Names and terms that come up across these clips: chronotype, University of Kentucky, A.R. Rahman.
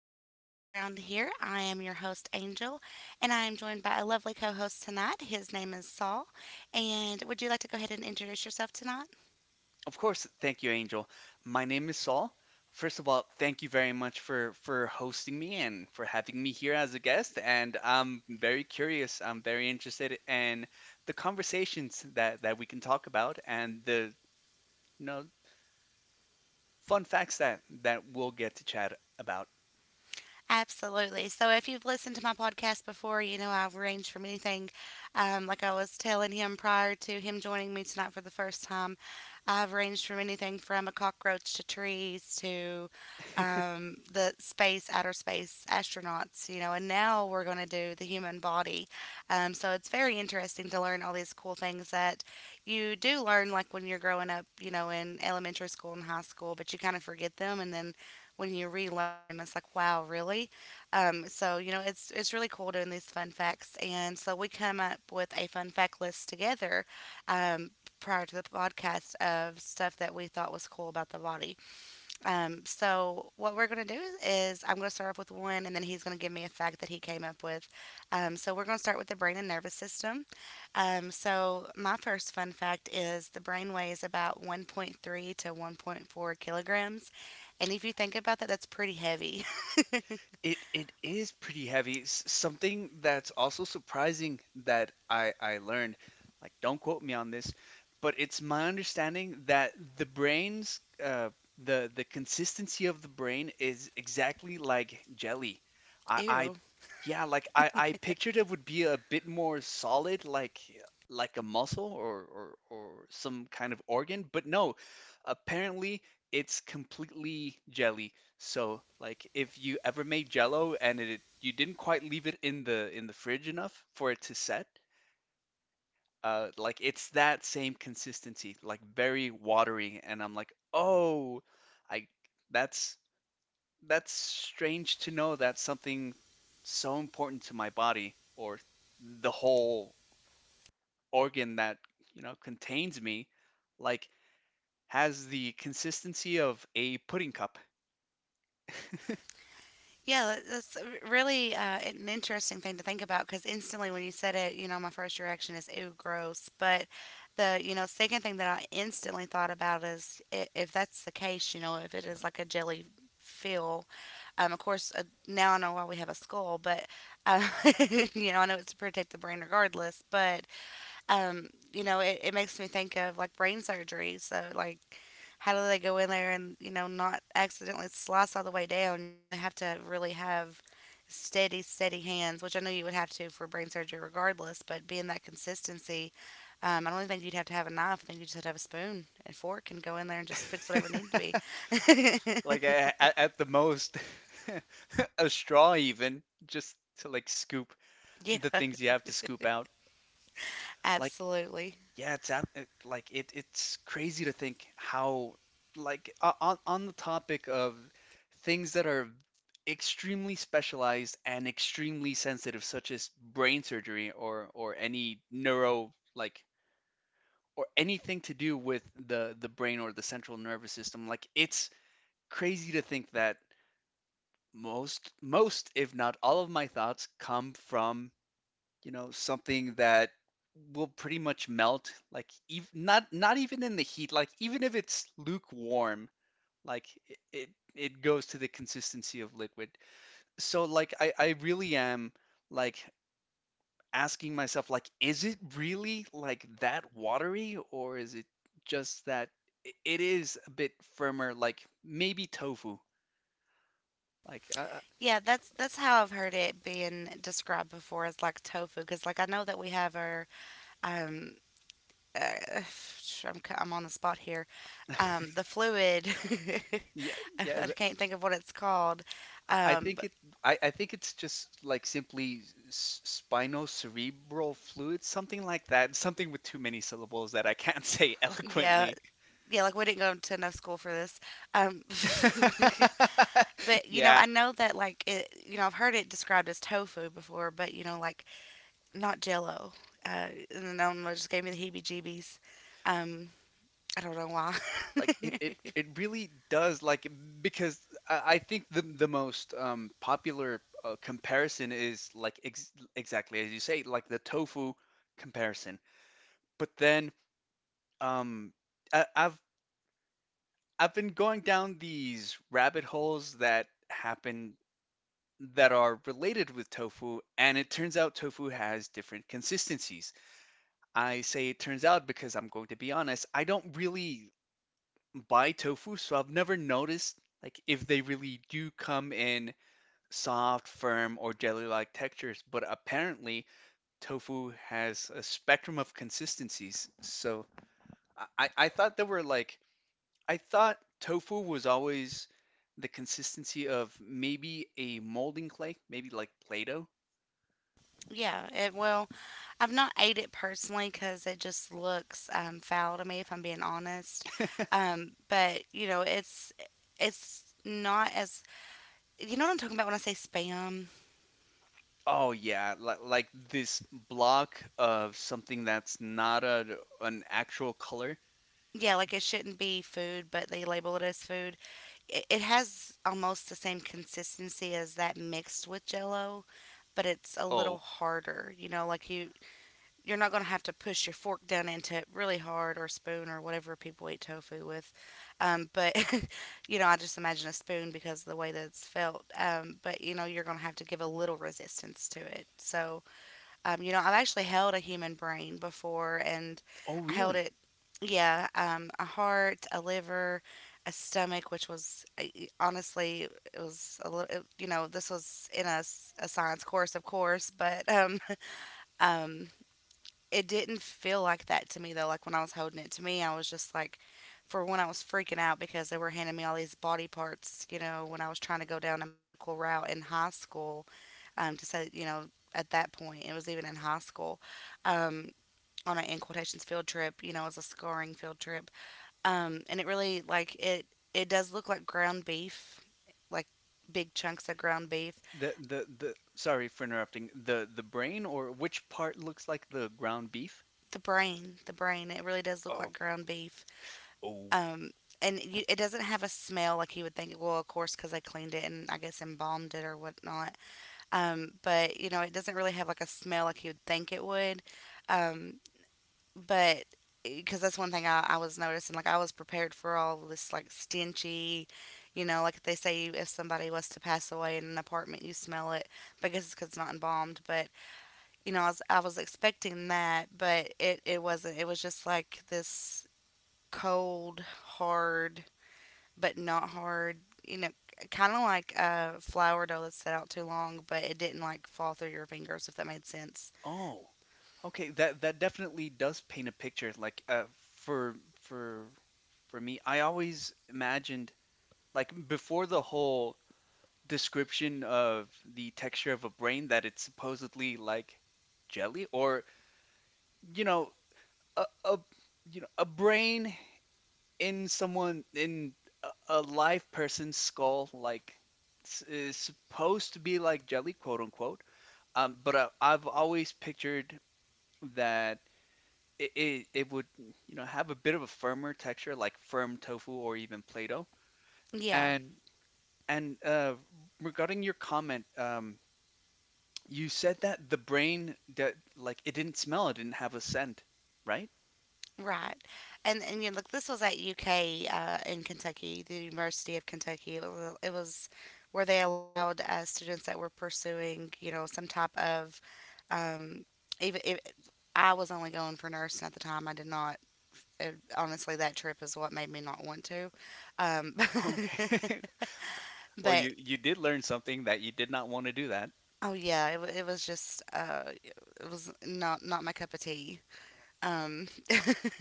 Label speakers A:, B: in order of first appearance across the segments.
A: are unnamed around here. I am your host, Angel, and I am joined by a lovely co host tonight. His name is Saul. And would you like to go ahead and introduce yourself tonight?
B: Of course, thank you, Angel. My name is Saul. First of all, thank you very much for hosting me and for having me here as a guest. And I'm very curious. I'm very interested in the conversations that we can talk about and the you know fun facts that we'll get to chat about.
A: Absolutely. So if you've listened to my podcast before, you know I've ranged from anything, like I was telling him prior to him joining me tonight for the first time, I've ranged from anything from a cockroach to trees to the space, outer space, astronauts, you know, and now we're going to do the human body. So it's very interesting to learn all these cool things that you do learn, like when you're growing up, you know, in elementary school and high school, but you kind of forget them. And then when you relearn them, it's like, wow, really? It's really cool doing these fun facts, and so we come up with a fun fact list together um, prior to the podcast of stuff that we thought was cool about the body. So what we're gonna do is I'm gonna start off with one, and then he's gonna give me a fact that he came up with. So we're gonna start with the brain and nervous system. So my first fun fact is the brain weighs about 1.3 to 1.4 kilograms, and if you think about that, that's pretty heavy.
B: It is pretty heavy. Something that's also surprising that I learned, like, don't quote me on this, but it's my understanding that the consistency of the brain is exactly like jelly. I
A: Ew.
B: yeah, like, I pictured it would be a bit more solid, like a muscle, or some kind of organ, but no, apparently it's completely jelly. So, like, if you ever made jello and it you didn't quite leave it in the fridge enough for it to set, like it's that same consistency, like very watery, and I'm like, "Oh, I that's that's strange to know that something so important to my body, or the whole organ that contains me, like, has the consistency of a pudding cup."
A: That's really an interesting thing to think about because instantly when you said it, you know, my first reaction is ew, gross. But the second thing that I instantly thought about is if that's the case, you know, if it is like a jelly feel. Of course, now I know why we have a skull, but um, you know, I know it's to protect the brain regardless. But you know, it makes me think of like brain surgery. So, like, how do they go in there and, you know, not accidentally slice all the way down? You know, they have to really have steady, steady hands, which I know you would have to for brain surgery regardless, but being that consistency, I don't even think you'd have to have a knife. I think you just have to have a spoon and fork and go in there and just fix whatever needed to be.
B: Like, at the most, a straw, even, just to like scoop the
A: Yeah,
B: things you have to scoop out. Like,
A: absolutely.
B: yeah, like it's crazy to think how, like, on the topic of things that are extremely specialized and extremely sensitive, such as brain surgery, or any neuro like, or anything to do with the brain or the central nervous system. Like, it's crazy to think that most if not all of my thoughts come from, something that will pretty much melt, like, not even in the heat, like even if it's lukewarm, like, it goes to the consistency of liquid. So, like, I really am, like, asking myself, like, is it really like that watery, or is it just that it is a bit firmer, like maybe tofu, like,
A: Yeah, that's how I've heard it being described before as like tofu, because like I know that we have our um, uh, I'm on the spot here. The fluid.
B: yeah,
A: I
B: yeah,
A: can't think of what it's called.
B: I
A: Um,
B: think
A: but
B: it. I think it's just, like, simply s- spinocerebral fluid, something like that. Something with too many syllables that I can't say
A: yeah,
B: eloquently.
A: yeah, like we didn't go to enough school for this. Um, but you know,
B: Yeah,
A: I know that like it. You know, I've heard it described as tofu before, but you know, like not Jello. Uh, and I don't know, it just gave me the heebie-jeebies. Um, I don't know why.
B: like, it, it, it really does. Like, because I think the most popular comparison is like, ex exactly as you say, like the tofu comparison. But then, um, I, I've I've been going down these rabbit holes that happen, that are related with tofu, and it turns out tofu has different consistencies. I say it turns out because, I'm going to be honest, I don't really buy tofu, so I've never noticed, like, if they really do come in soft, firm, or jelly-like textures, but apparently tofu has a spectrum of consistencies. So, I thought there were, like, I thought tofu was always the consistency of maybe a molding clay, maybe like Play-Doh.
A: Yeah, it well, I've not ate it personally because it just looks foul to me if I'm being honest. But you know, it's not as you know what I'm talking about when I say spam.
B: Oh yeah, like this block of something that's not a an actual color.
A: Yeah, like it shouldn't be food, but they label it as food. It has almost the same consistency as that mixed with Jello, but it's a
B: Oh,
A: little harder. You know, like you you're not going to have to push your fork down into it really hard or spoon or whatever people eat tofu with. Um, but, you know, I just imagine a spoon because of the way that it's felt. You know, you're going to have to give a little resistance to it. So, you know, I've actually held a human brain before and
B: oh
A: I held
B: really?
A: it, yeah, a heart, a liver, a stomach, which was honestly, it was a little, you know, this was in a science course, of course, but um, it didn't feel like that to me though. Like when I was holding it to me, I was just like, for one, I was freaking out because they were handing me all these body parts. You know, when I was trying to go down a medical route in high school, to say, you know, at that point, it was even in high school, um, on an in quotations field trip. You know, as a scarring field trip, and it really like it. It does look like ground beef, like big chunks of ground beef.
B: The Sorry for interrupting. The brain, or which part looks like the ground beef?
A: The brain, it really does look
B: Oh,
A: like
B: okay.
A: ground beef.
B: Oh.
A: Um, and you, it doesn't have a smell like you would think. Well, of course, because I cleaned it and I guess embalmed it or whatnot. But you know, it doesn't really have like a smell like you would think it would. Um, but because that's one thing I was noticing, like I was prepared for all this like stenchy, you know, like they say if somebody was to pass away in an apartment, you smell it. But I guess it's 'cause it's not embalmed. But you know, I was expecting that, but it wasn't. It was just like this cold, hard but not hard. You know, kind of like a flour dough that's set out too long, but it didn't like fall through your fingers, if that made sense.
B: Oh. Okay, that definitely does paint a picture. Like, for for for me, I always imagined, like, before the whole description of the texture of a brain, that it's supposedly like jelly, or, you know a a brain, in a live person's skull, like, is supposed to be like jelly, quote unquote. But I've always pictured that it would, have a bit of a firmer texture, like firm tofu or even Play-Doh.
A: Yeah,
B: And and uh regarding your comment, you said that the brain that like it didn't smell, it didn't have a scent, right?
A: right. And you know, look, this was at UK in Kentucky, the University of Kentucky. It was where they allowed students that were pursuing, you know, some type of um, even if I was only going for nursing at the time, I did not. It, honestly, that trip is what made me not want to. Um,
B: Okay. Well,
A: but
B: you did learn something that you did not want to do that.
A: oh yeah, it was just it was not not my cup of tea. Um,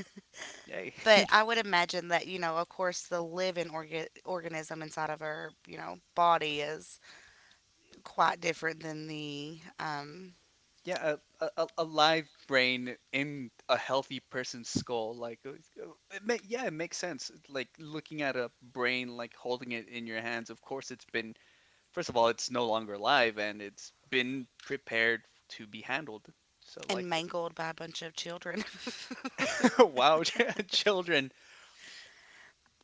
B: Yay.
A: but I would imagine that you know, of course, the living organism inside of her, you know, body is quite different than the
B: Yeah, a live brain in a healthy person's skull, like, it ma yeah, it makes sense. It's like looking at a brain, like holding it in your hands. Of course, it's been first of all, it's no longer alive, and it's been prepared to be handled. So, like,
A: and mangled by a bunch of children.
B: wow, children.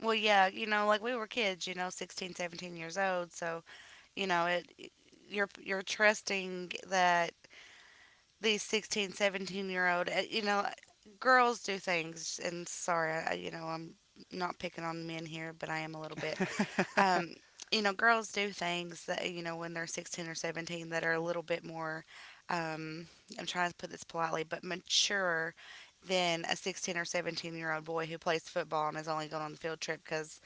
A: Well, yeah, you know, like we were kids, you know, 16, 17 years old, so you know it. You're trusting that these 1617 year old, you know, girls do things. And sorry, you know, I'm not picking on men here, but I am a little bit. Um, you know, girls do things that, you know, when they're 16 or 17 that are a little bit more, um, I'm trying to put this politely, but mature than a 16 or 17-year-old boy who plays football and is only going on the field trip because,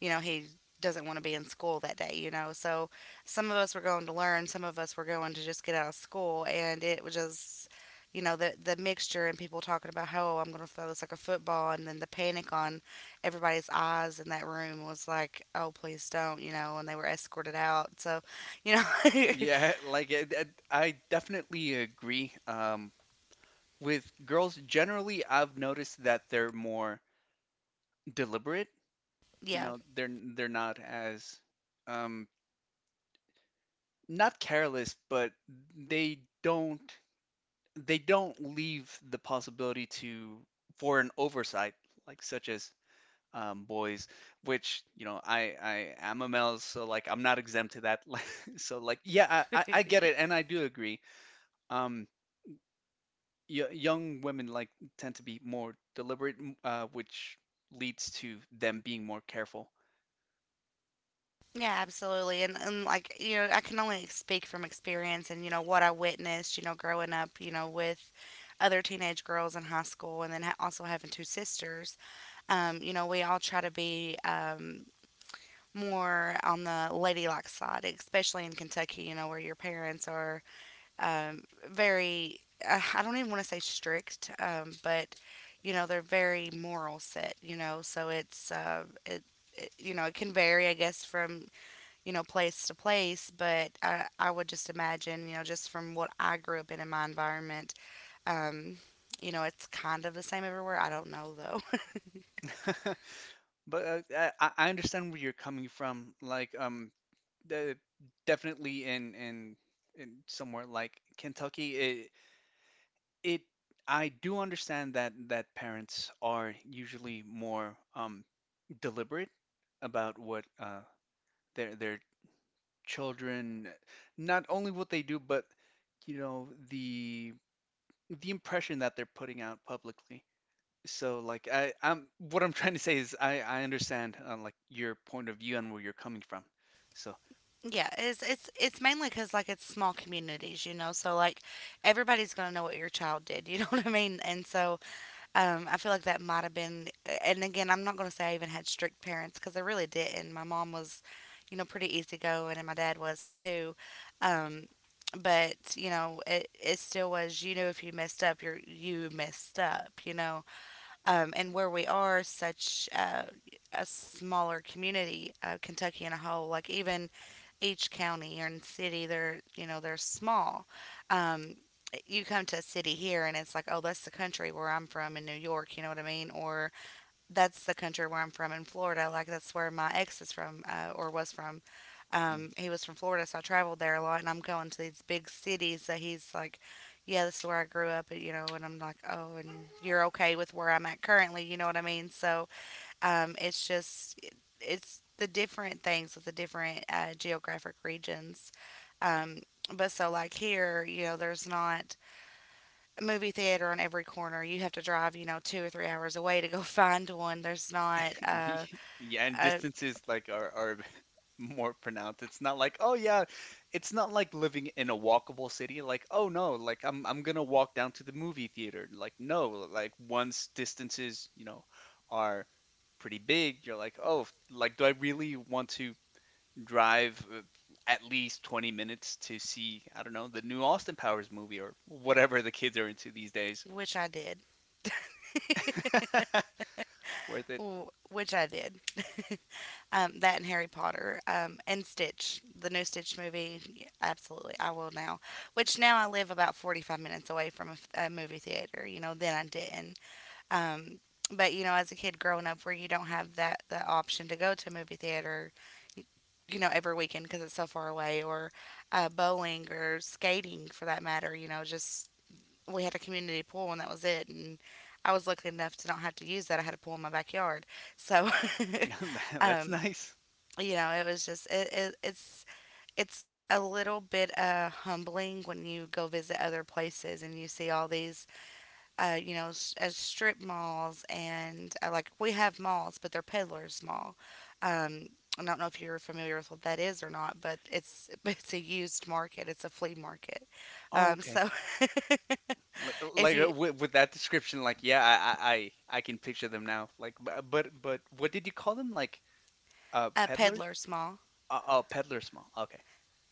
A: you know, he doesn't want to be in school that day, you know. So some of us were going to learn, some of us were going to just get out of school. And it was just, you know, the mixture and people talking about, how, oh, I'm going to throw this like a football, and then the panic on everybody's eyes in that room was like, "Oh, please don't," you know, and they were escorted out. So, you know,
B: Yeah, like, I definitely agree. With girls generally, I've noticed that they're more deliberate. You
A: yeah.
B: know, they're not as, um not careless, but they don't they don't leave the possibility to for an oversight, like, such as, boys, which, I am a male, so, like, I'm not exempt to that. So like, yeah, I get it, and I do agree. Um, y young women, like, tend to be more deliberate, which leads to them being more careful.
A: Yeah, absolutely. And like, you know, I can only speak from experience and you know what I witnessed, you know, growing up, you know, with other teenage girls in high school and then also having 2 sisters. You know, we all try to be more on the ladylike side, especially in Kentucky, you know, where your parents are very, I don't even want to say strict, but you know, they're very moral set, you know, so it, you know, it can vary, I guess, from, you know, place to place, but I would just imagine, you know, just from what I grew up in my environment, um, you know, it's kind of the same everywhere. I don't know though.
B: But, I understand where you're coming from. Like, the, definitely, in somewhere like Kentucky, it I do understand that parents are usually more, deliberate about what, their children, not only what they do, but, the impression that they're putting out publicly. So, like, I I'm what I'm trying to say is, I understand, like, your point of view and where you're coming from. So,
A: Yeah, it's it's mainly because like it's small communities, you know. So like everybody's gonna know what your child did, you know what I mean? And so I feel like that might have been, and again, I'm not going to say I even had strict parents because I really didn't. My mom was, you know, pretty easygoing, and my dad was too. Um, but you know, it still was. You know, if you messed up, you messed up. You know, and where we are, such a smaller community, Kentucky in a whole, like even each county and city, they're you know they're small. Um, you come to a city here, and it's like, oh, that's the country where I'm from in New York. You know what I mean? Or that's the country where I'm from in Florida. Like that's where my ex is from, or was from.
B: mm,
A: He was from Florida, so I traveled there a lot. And I'm going to these big cities that he's like, yeah, this is where I grew up, and I'm like, oh, and you're okay with where I'm at currently, you know what I mean? So it's just it's the different things with the different geographic regions. Um, but like here, you know, there's not movie theater on every corner. You have to drive, you know, 2 or 3 hours away to go find one. There's not,
B: yeah, and
A: uh,
B: distances, like, are more pronounced. It's not like, oh yeah, it's not like living in a walkable city, like, oh no, like I'm gonna walk down to the movie theater. Like, no, like, once distances, are pretty big, you're like, oh, like, do I really want to drive, at least 20 minutes to see, I don't know, the new Austin Powers movie, or whatever the kids are into these days.
A: which I did.
B: Worth it.
A: Which I did. That and Harry Potter, and Stitch, the new Stitch movie. Yeah, absolutely, I will now. Which now I live about 45 minutes away from a movie theater. You know, then I didn't. Um, but you know, as a kid growing up, where you don't have that the option to go to a movie theater, you know, every weekend because it's so far away, or bowling or skating for that matter. You know, just we had a community pool and that was it. And I was lucky enough to not have to use that. I had a pool in my backyard, so.
B: That's
A: um,
B: nice.
A: you know, it was just it's it's a little bit humbling when you go visit other places and you see all these you know, s- as strip malls and like we have malls, but they're peddlers mall. Um, I don't know if you're familiar with what that is or not, but it's it's a used market. It's a flea market.
B: Oh,
A: Um,
B: okay.
A: so if you
B: With that description, like, yeah, I can picture them now. Like, but what did you call them? Like,
A: a
B: peddlers?
A: peddlers mall,
B: Oh, peddlers mall. Okay.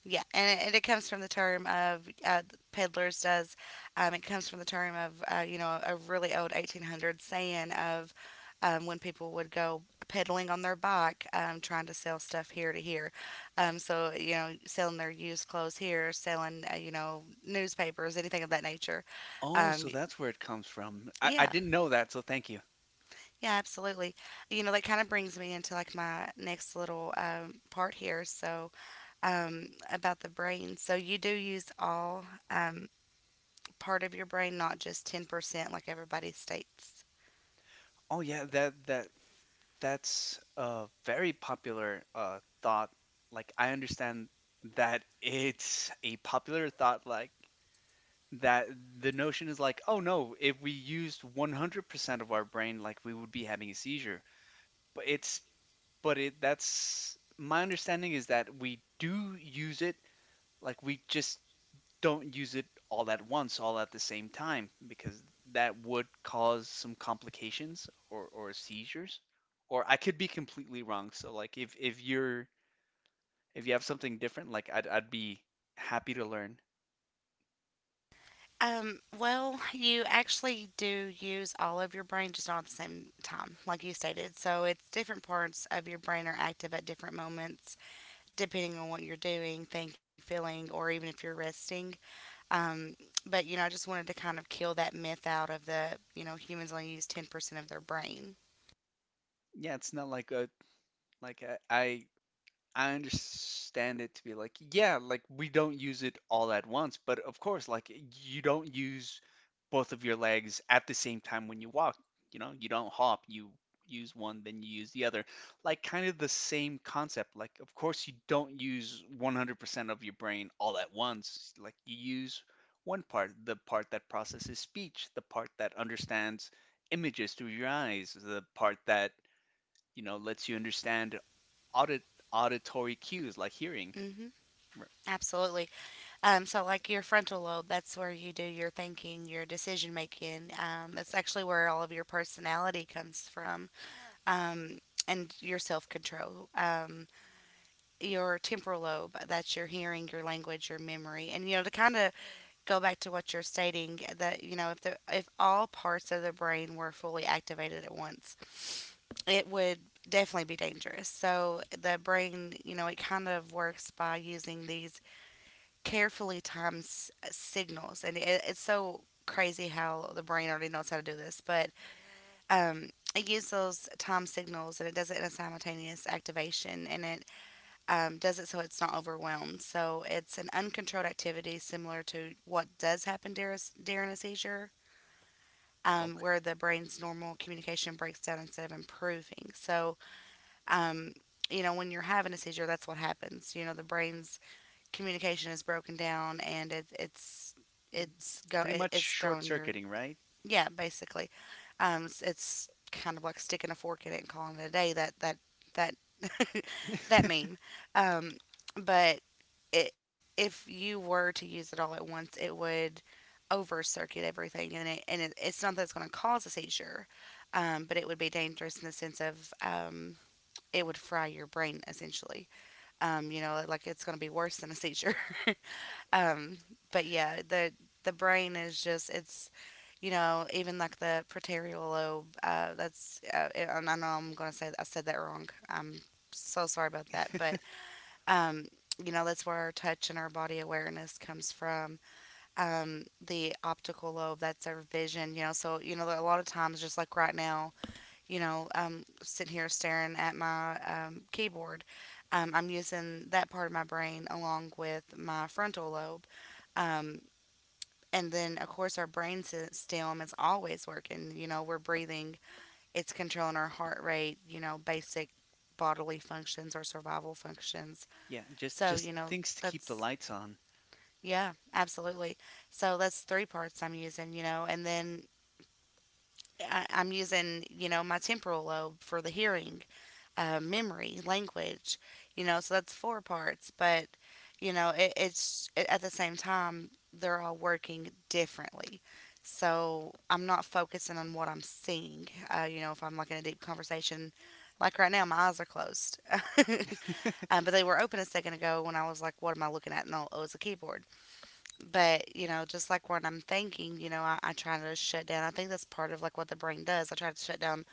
A: yeah, and it comes from the term of peddlers does. It comes from the term of you know a really old 1800 saying of when people would go peddling on their bike, trying to sell stuff here to here. So you know, selling their used clothes here, selling you know newspapers, anything of that nature.
B: Oh,
A: Um,
B: so that's where it comes from. I
A: yeah,
B: didn't know that, so thank you.
A: yeah, absolutely. You know, that kind of brings me into like my next little part here. So about the brain. So you do use all. Um, Part of your brain, not just 10% like everybody states?
B: Oh yeah, that's a very popular thought. Like, I understand that, it's a popular thought, like, that the notion is like, oh no, if we used 100% of our brain, like, we would be having a seizure. But it's, but it, that's, my understanding is that we do use it, like, we just don't use it all at once, all at the same time, because that would cause some complications, or seizures. Or I could be completely wrong. So, like, if you have something different, like, I'd be happy to learn.
A: Well, you actually do use all of your brain, just not at the same time, like you stated. So it's different parts of your brain are active at different moments, depending on what you're doing, thinking, feeling, or even if you're resting. Um, but you know, I just wanted to kind of kill that myth out of the you know humans only use 10% of their brain.
B: Yeah, it's not like like a, I, I understand it to be like, yeah, like we don't use it all at once, but, of course, like, you don't use both of your legs at the same time when you walk. You know, you don't hop, you use one, then you use the other. Like, kind of the same concept. Like, of course, you don't use 100% of your brain all at once. Like, you use one part, the part that processes speech, the part that understands images through your eyes, the part that, lets you understand audit auditory cues, like hearing.
A: Hmm.
B: r-
A: Absolutely. So, like your frontal lobe, that's where you do your thinking, your decision making. That's actually where all of your personality comes from, um, and your self control. Your temporal lobe, that's your hearing, your language, your memory, and you know to kind of go back to what you're stating that you know if all parts of the brain were fully activated at once, it would definitely be dangerous. So the brain, you know, it kind of works by using these carefully times signals, and it's so crazy how the brain already knows how to do this, but it uses those time signals and it does it in a simultaneous activation and it does it so it's not overwhelmed. So it's an uncontrolled activity similar to what does happen during a seizure.
B: Okay.
A: Where the brain's normal communication breaks down instead of improving. So, um, you know, when you're having a seizure, that's what happens. You know, the brain's communication is broken down and
B: Pretty much
A: it's
B: short
A: thrown your
B: circuiting, right?
A: yeah basically it's kind of like sticking a fork in it and calling it a day that that that that meme um but it if you were to use it all at once it would over circuit everything and it's not that it's going to cause a seizure but it would be dangerous in the sense of it would fry your brain essentially you know like it's going to be worse than a seizure. Um, but yeah, the brain is just it's you know even like the preterial lobe. That's and I know I'm gonna say I said that wrong. I'm so sorry about that. But um, you know that's where our touch and our body awareness comes from. The optical lobe that's our vision. You know, so you know a lot of times just like right now, you know, sitting here staring at my keyboard. I'm using that part of my brain along with my frontal lobe. Um, and then, of course, our brain stem is always working. You know, we're breathing, it's controlling our heart rate, you know, basic bodily functions or survival functions.
B: Yeah, just
A: So, you know,
B: things to keep the
A: that's,
B: lights on.
A: yeah, absolutely. So that's three parts I'm using, you know, and then I'm using, you know, my temporal lobe for the hearing memory, language, you know, so that's four parts. But, you know, at the same time, they're all working differently. So I'm not focusing on what I'm seeing. You know, if I'm like in a deep conversation, like right now, my eyes are closed. But they were open a second ago when I was like, what am I looking at? And all, oh, it was a keyboard. But, you know, just like when I'm thinking, you know, I try to shut down. I think that's part of like what the brain does. I try to shut down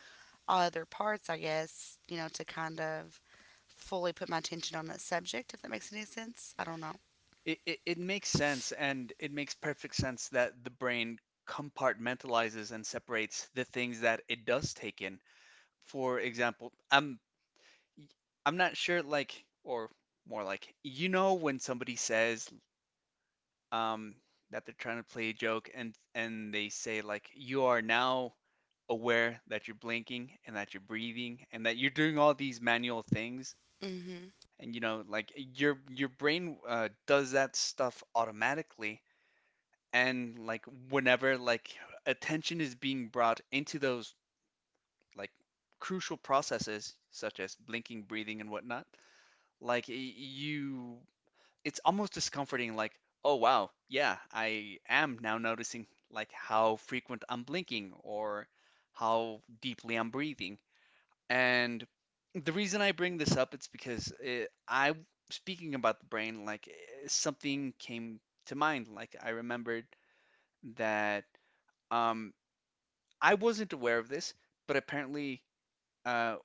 A: other parts, I guess, you know, to kind of fully put my attention on that subject, if that makes any sense. I don't know.
B: It makes sense, and it makes perfect sense that the brain compartmentalizes and separates the things that it does take in. For example, I'm not sure, like, or more like, when somebody says, um that they're trying to play a joke, and they say, like, you are now aware that you're blinking, and that you're breathing, and that you're doing all these manual things.
A: Hmm.
B: And, like, your brain, does that stuff automatically. And, like, whenever, like, attention is being brought into those, like, crucial processes such as blinking, breathing, and whatnot, like, you it's almost discomforting, like, oh wow, yeah, I am now noticing, like, how frequent I'm blinking, or how deeply I'm breathing. And the reason I bring this up, it's because it, I speaking about the brain, like, something came to mind, like I remembered that, um I wasn't aware of this, but apparently, uh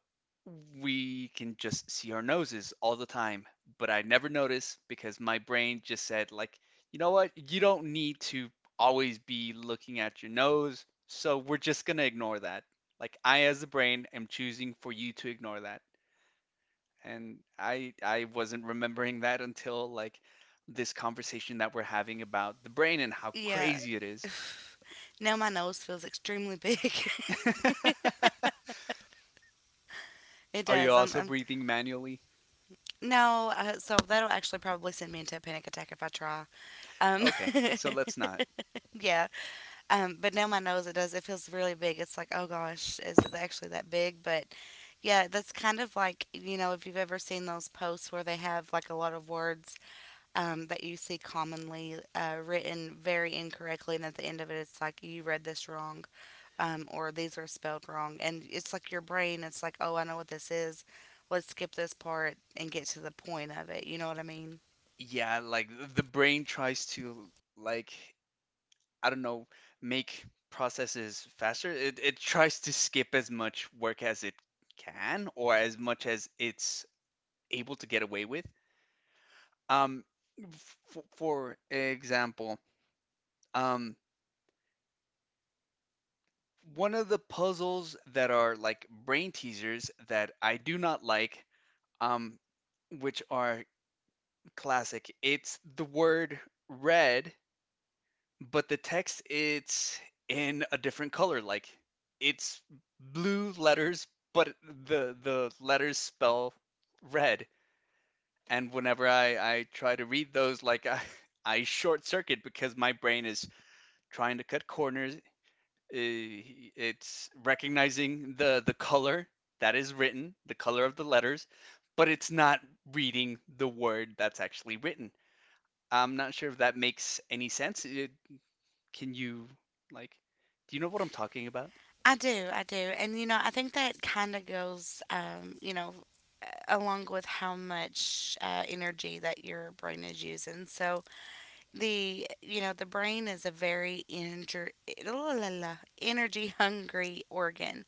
B: we can just see our noses all the time, but I never noticed because my brain just said, like, you know what, you don't need to always be looking at your nose, so we're just going to ignore that, like, I, as the brain, am choosing for you to ignore that. And I wasn't remembering that until, like, this conversation that we're having about the brain and how
A: Yeah.
B: crazy it is.
A: Now my nose feels extremely big. It
B: Are you
A: does.
B: also
A: I'm
B: breathing manually?
A: no, so that'll actually probably send me into a panic attack if I try. Um,
B: Okay, so let's not.
A: yeah. But now my nose, it does. It feels really big. It's like, oh gosh, is it actually that big? But yeah, that's kind of like, you know, if you've ever seen those posts where they have like a lot of words that you see commonly written very incorrectly, and at the end of it, it's like you read this wrong, or these are spelled wrong, and it's like your brain, it's like, oh, I know what this is. Let's skip this part and get to the point of it. You know what I mean?
B: Yeah, like, the brain tries to, like, I don't know, make processes faster. It tries to skip as much work as it can or as much as it's able to get away with. Um f- for example, um one of the puzzles that are like brain teasers that I do not like, um, which are classic, it's the word red, but the text it's in a different color. Like it's blue letters, but the letters spell red. And whenever I try to read those, like I, I short circuit because my brain is trying to cut corners eh, it's recognizing the color that is written, the color of the letters, but it's not reading the word that's actually written. I'm not sure if that makes any sense. It, can you like do you know what I'm talking about?
A: I do, and you know, I think that kind of goes, you know, along with how much energy that your brain is using. So the you know the brain is a very energy hungry organ,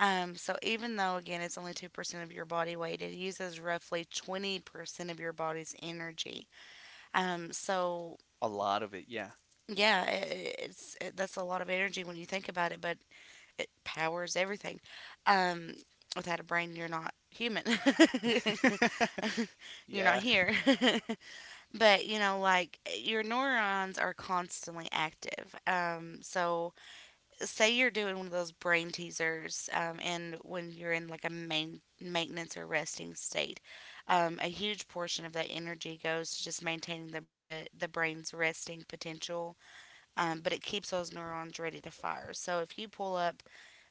A: so even though again it's only 2% of your body weight it uses roughly 20% of your body's energy. So
B: A lot of it, yeah.
A: yeah it, that's a lot of energy when you think about it but it powers everything. um, Without a brain you're not human. You're not
B: Yeah.
A: here. But you know, like eh, your neurons are constantly active. So say you're doing one of those brain teasers, and when you're in like a main maintenance or resting state, a huge portion of that energy goes to just maintaining the the brain's resting potential. But it keeps those neurons ready to fire. So if you pull up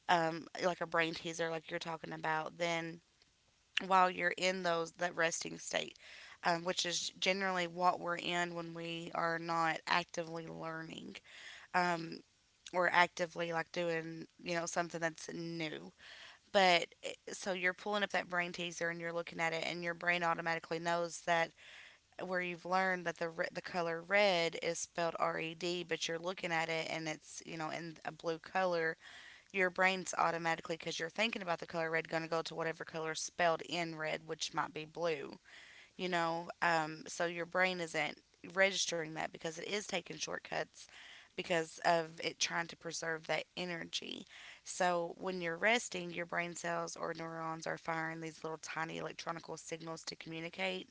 A: like a brain teaser, like you're talking about, then while you're in those that resting state, which is generally what we're in when we are not actively learning, um, or actively like doing you know something that's new. But eh, so you're pulling up that brain teaser and you're looking at it, and your brain automatically knows that where you've learned that the the color red is spelled RED, but you're looking at it and it's you know in a blue color. Your brain's automatically because you're thinking about the color red going to go to whatever color is spelled in red which might be blue, you know. So your brain isn't registering that because it is taking shortcuts because of it trying to preserve that energy. So when you're resting your brain cells or neurons are firing these little tiny electronical signals to communicate,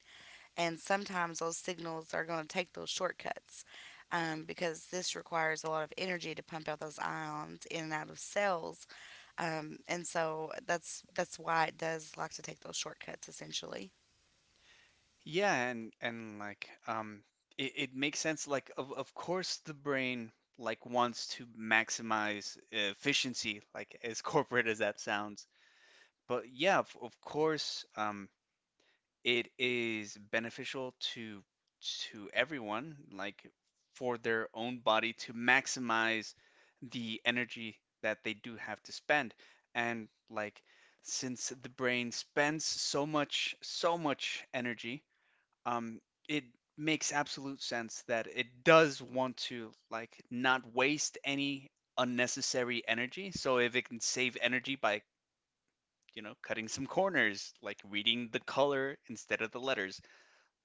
A: and sometimes those signals are going to take those shortcuts, because this requires a lot of energy to pump out those ions in and out of cells, and so that's why it does like to take those shortcuts essentially.
B: Yeah, and like it, it makes sense like of course the brain like wants to maximize efficiency, like as corporate as that sounds. But yeah, of course, it is beneficial to everyone, like for their own body to maximize the energy that they do have to spend. And like since the brain spends so much energy, um, it makes absolute sense that it does want to like not waste any unnecessary energy. So if it can save energy by, you know, cutting some corners, like reading the color instead of the letters.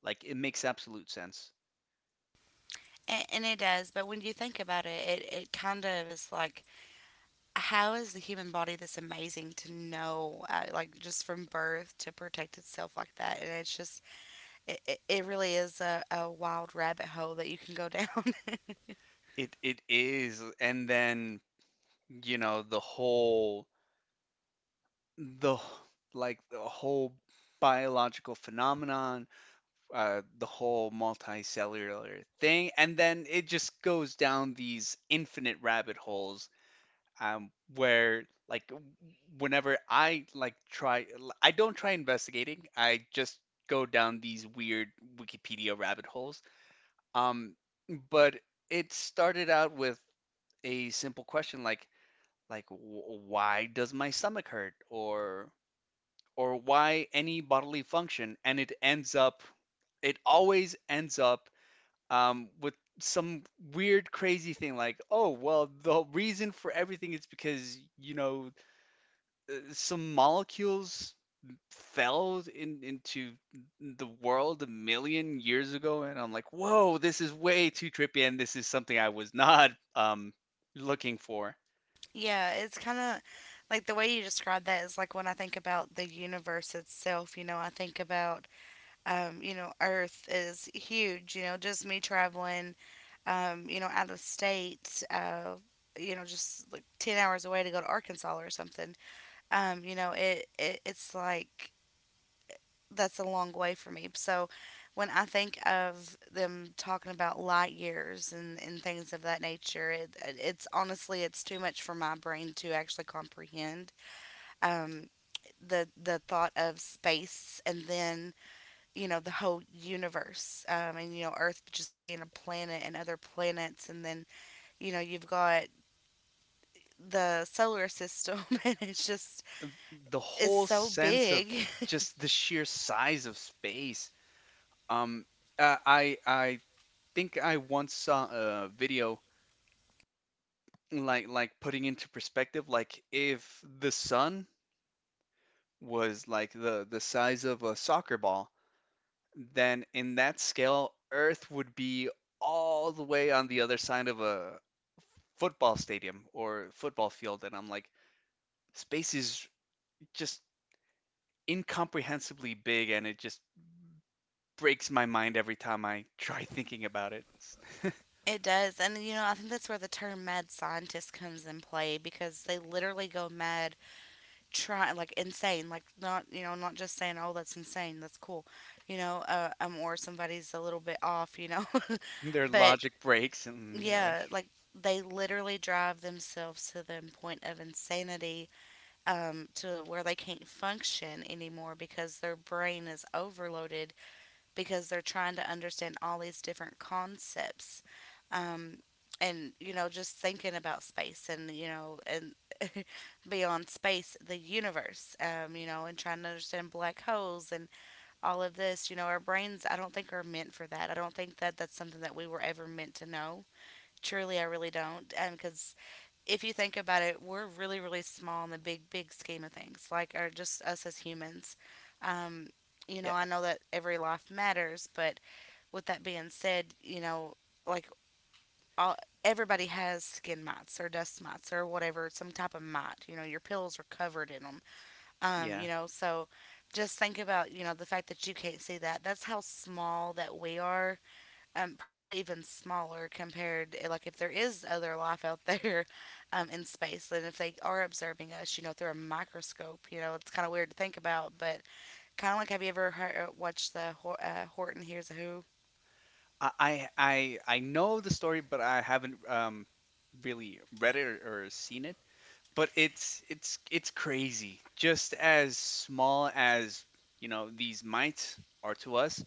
B: Like it makes absolute sense.
A: And it does, but when you think about it, it kind of is like, how is the human body this amazing to know, like just from birth to protect itself like that? And it's just, it really is a wild rabbit hole that you can go down.
B: It is, and then you know the whole the like the whole biological phenomenon, the whole multicellular thing, and then it just goes down these infinite rabbit holes, where like whenever I like try, I don't try investigating. I just go down these weird Wikipedia rabbit holes. Um, but it started out with a simple question like why does my stomach hurt or why any bodily function, and it ends up it always ends up, with some weird crazy thing like, oh well, the reason for everything is because you know some molecules fell in, into the world a million years ago, and I'm like, whoa, this is way too trippy, and this is something I was not, looking for.
A: Yeah, it's kind of like the way you describe that is like when I think about the universe itself, you know, I think about, you know, Earth is huge, you know, just me traveling, you know, out of state, you know, just like 10 hours away to go to Arkansas or something. You know, it, it's like that's a long way for me. So when I think of them talking about light years and things of that nature, it's honestly it's too much for my brain to actually comprehend. Um, the thought of space and then you know the whole universe and you know Earth just being a planet and other planets and then you know you've got the solar system and it's just
B: The
A: it's
B: whole
A: so
B: sense of
A: big.
B: just the sheer size of space. Um, I think I once saw a video like putting into perspective, like if the sun was like the size of a soccer ball, then in that scale, Earth would be all the way on the other side of a football stadium or football field. And I'm like, space is just incomprehensibly big and it just breaks my mind every time I try thinking about it.
A: It does. And, you know, I think that's where the term mad scientist comes in play because they literally go mad, trying, like, insane. Like, not, you know, not just saying, oh, that's insane, that's cool, you know, or somebody's a little bit off, you know.
B: Their
A: But,
B: logic breaks and they're like,
A: yeah, like, they literally drive themselves to the point of insanity to where they can't function anymore because their brain is overloaded because they're trying to understand all these different concepts. Um, and you know, just thinking about space and you know, and beyond space, the universe, you know, and trying to understand black holes and all of this, you know, our brains, I don't think are meant for that. I don't think that that's something that we were ever meant to know. Truly, I really don't. And because if you think about it, we're really, really small in the big, big scheme of things, like, or just us as humans. Um, you know,
B: yeah,
A: I know that every life matters, but with that being said, you know, like all, everybody has skin mites or dust mites or whatever, some type of mite. You know, your pills are covered in them. You
B: yeah.
A: know, so just think about, you know, the fact that you can't see that. That's how small that we are, probably even smaller compared like if there is other life out there in space, and if they are observing us you know through a microscope, you know it's kind of weird to think about. But kind of like, have you ever heard, watched the Horton Hears a Who?
B: I know the story, but I haven't, really read it or seen it. But it's it's crazy. Just as small as you know these mites are to us,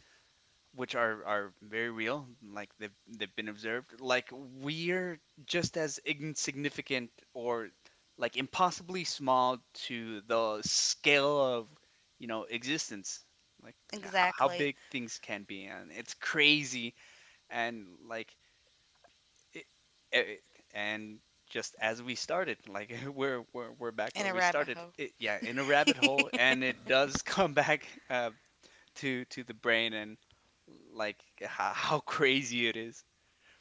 B: which are very real, like they've been observed. Like we're just as insignificant or like impossibly small to the scale of, you know, existence. Like yeah, how
A: Exactly.
B: big things can be, and it's crazy. And like it, it, and just as we started, like we're back
A: In
B: where
A: a
B: we
A: rabbit
B: started.
A: hole.
B: It, yeah, in a rabbit hole,
A: It,
B: and it does come back to the brain and like how crazy it is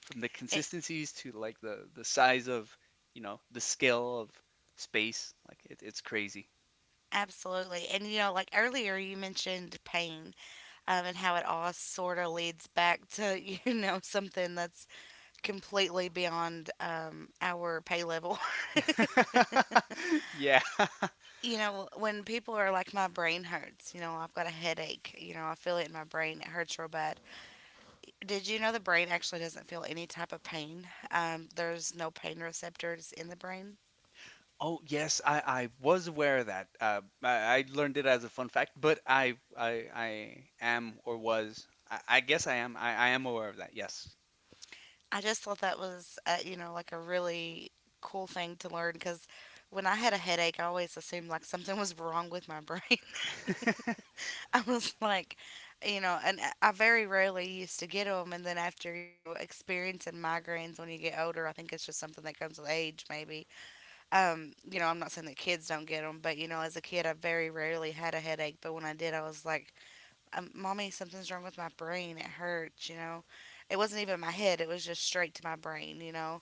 B: from the consistencies to like the size of you know the scale of space. Like it, it's crazy.
A: absolutely, and you know like earlier you mentioned pain and how it all sort of leads back to you know something that's completely beyond our pay level.
B: Yeah.
A: You know, when people are like, my brain hurts, you know, I've got a headache, you know, I feel it in my brain, it hurts real bad. Did you know the brain actually doesn't feel any type of pain? There's no pain receptors in the brain.
B: Oh yes, I was aware of that. I learned it as a fun fact, but I am or was I guess I am aware of that. Yes,
A: I just thought that was, you know, like a really cool thing to learn because when I had a headache, I always assumed like something was wrong with my brain. I was like, you know, and I very rarely used to get them. And then after, you know, experiencing migraines when you get older, I think it's just something that comes with age, maybe, you know, I'm not saying that kids don't get them, but you know, as a kid, I very rarely had a headache. But when I did, I was like, "Mommy, something's wrong with my brain. It hurts." You know, it wasn't even my head; it was just straight to my brain. You know,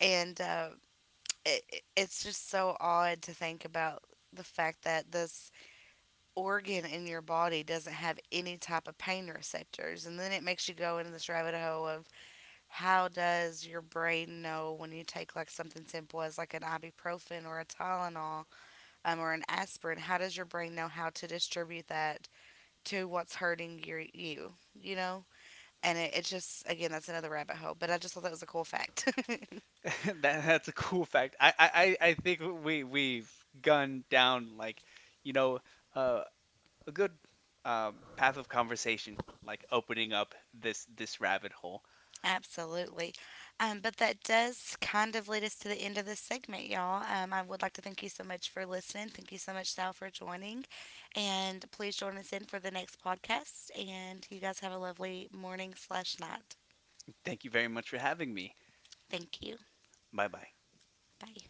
A: and it, it's just so odd to think about the fact that this organ in your body doesn't have any type of pain receptors, and then it makes you go into this rabbit hole of how does your brain know when you take like something simple as like an ibuprofen or a Tylenol or an aspirin, how does your brain know how to distribute that to what's hurting you? You know? And it's just, again, that's another rabbit hole, but I just thought that was a cool fact.
B: that that's a cool fact. I think we've gone down like, you know, uh, a good, path of conversation, like opening up this rabbit hole.
A: Absolutely. But that does kind of lead us to the end of this segment, y'all. I would like to thank you so much for listening. Thank you so much, Sal, for joining. And please join us in for the next podcast. And you guys have a lovely morning slash night.
B: Thank you very much for having me.
A: Thank you.
B: Bye bye.
A: Bye.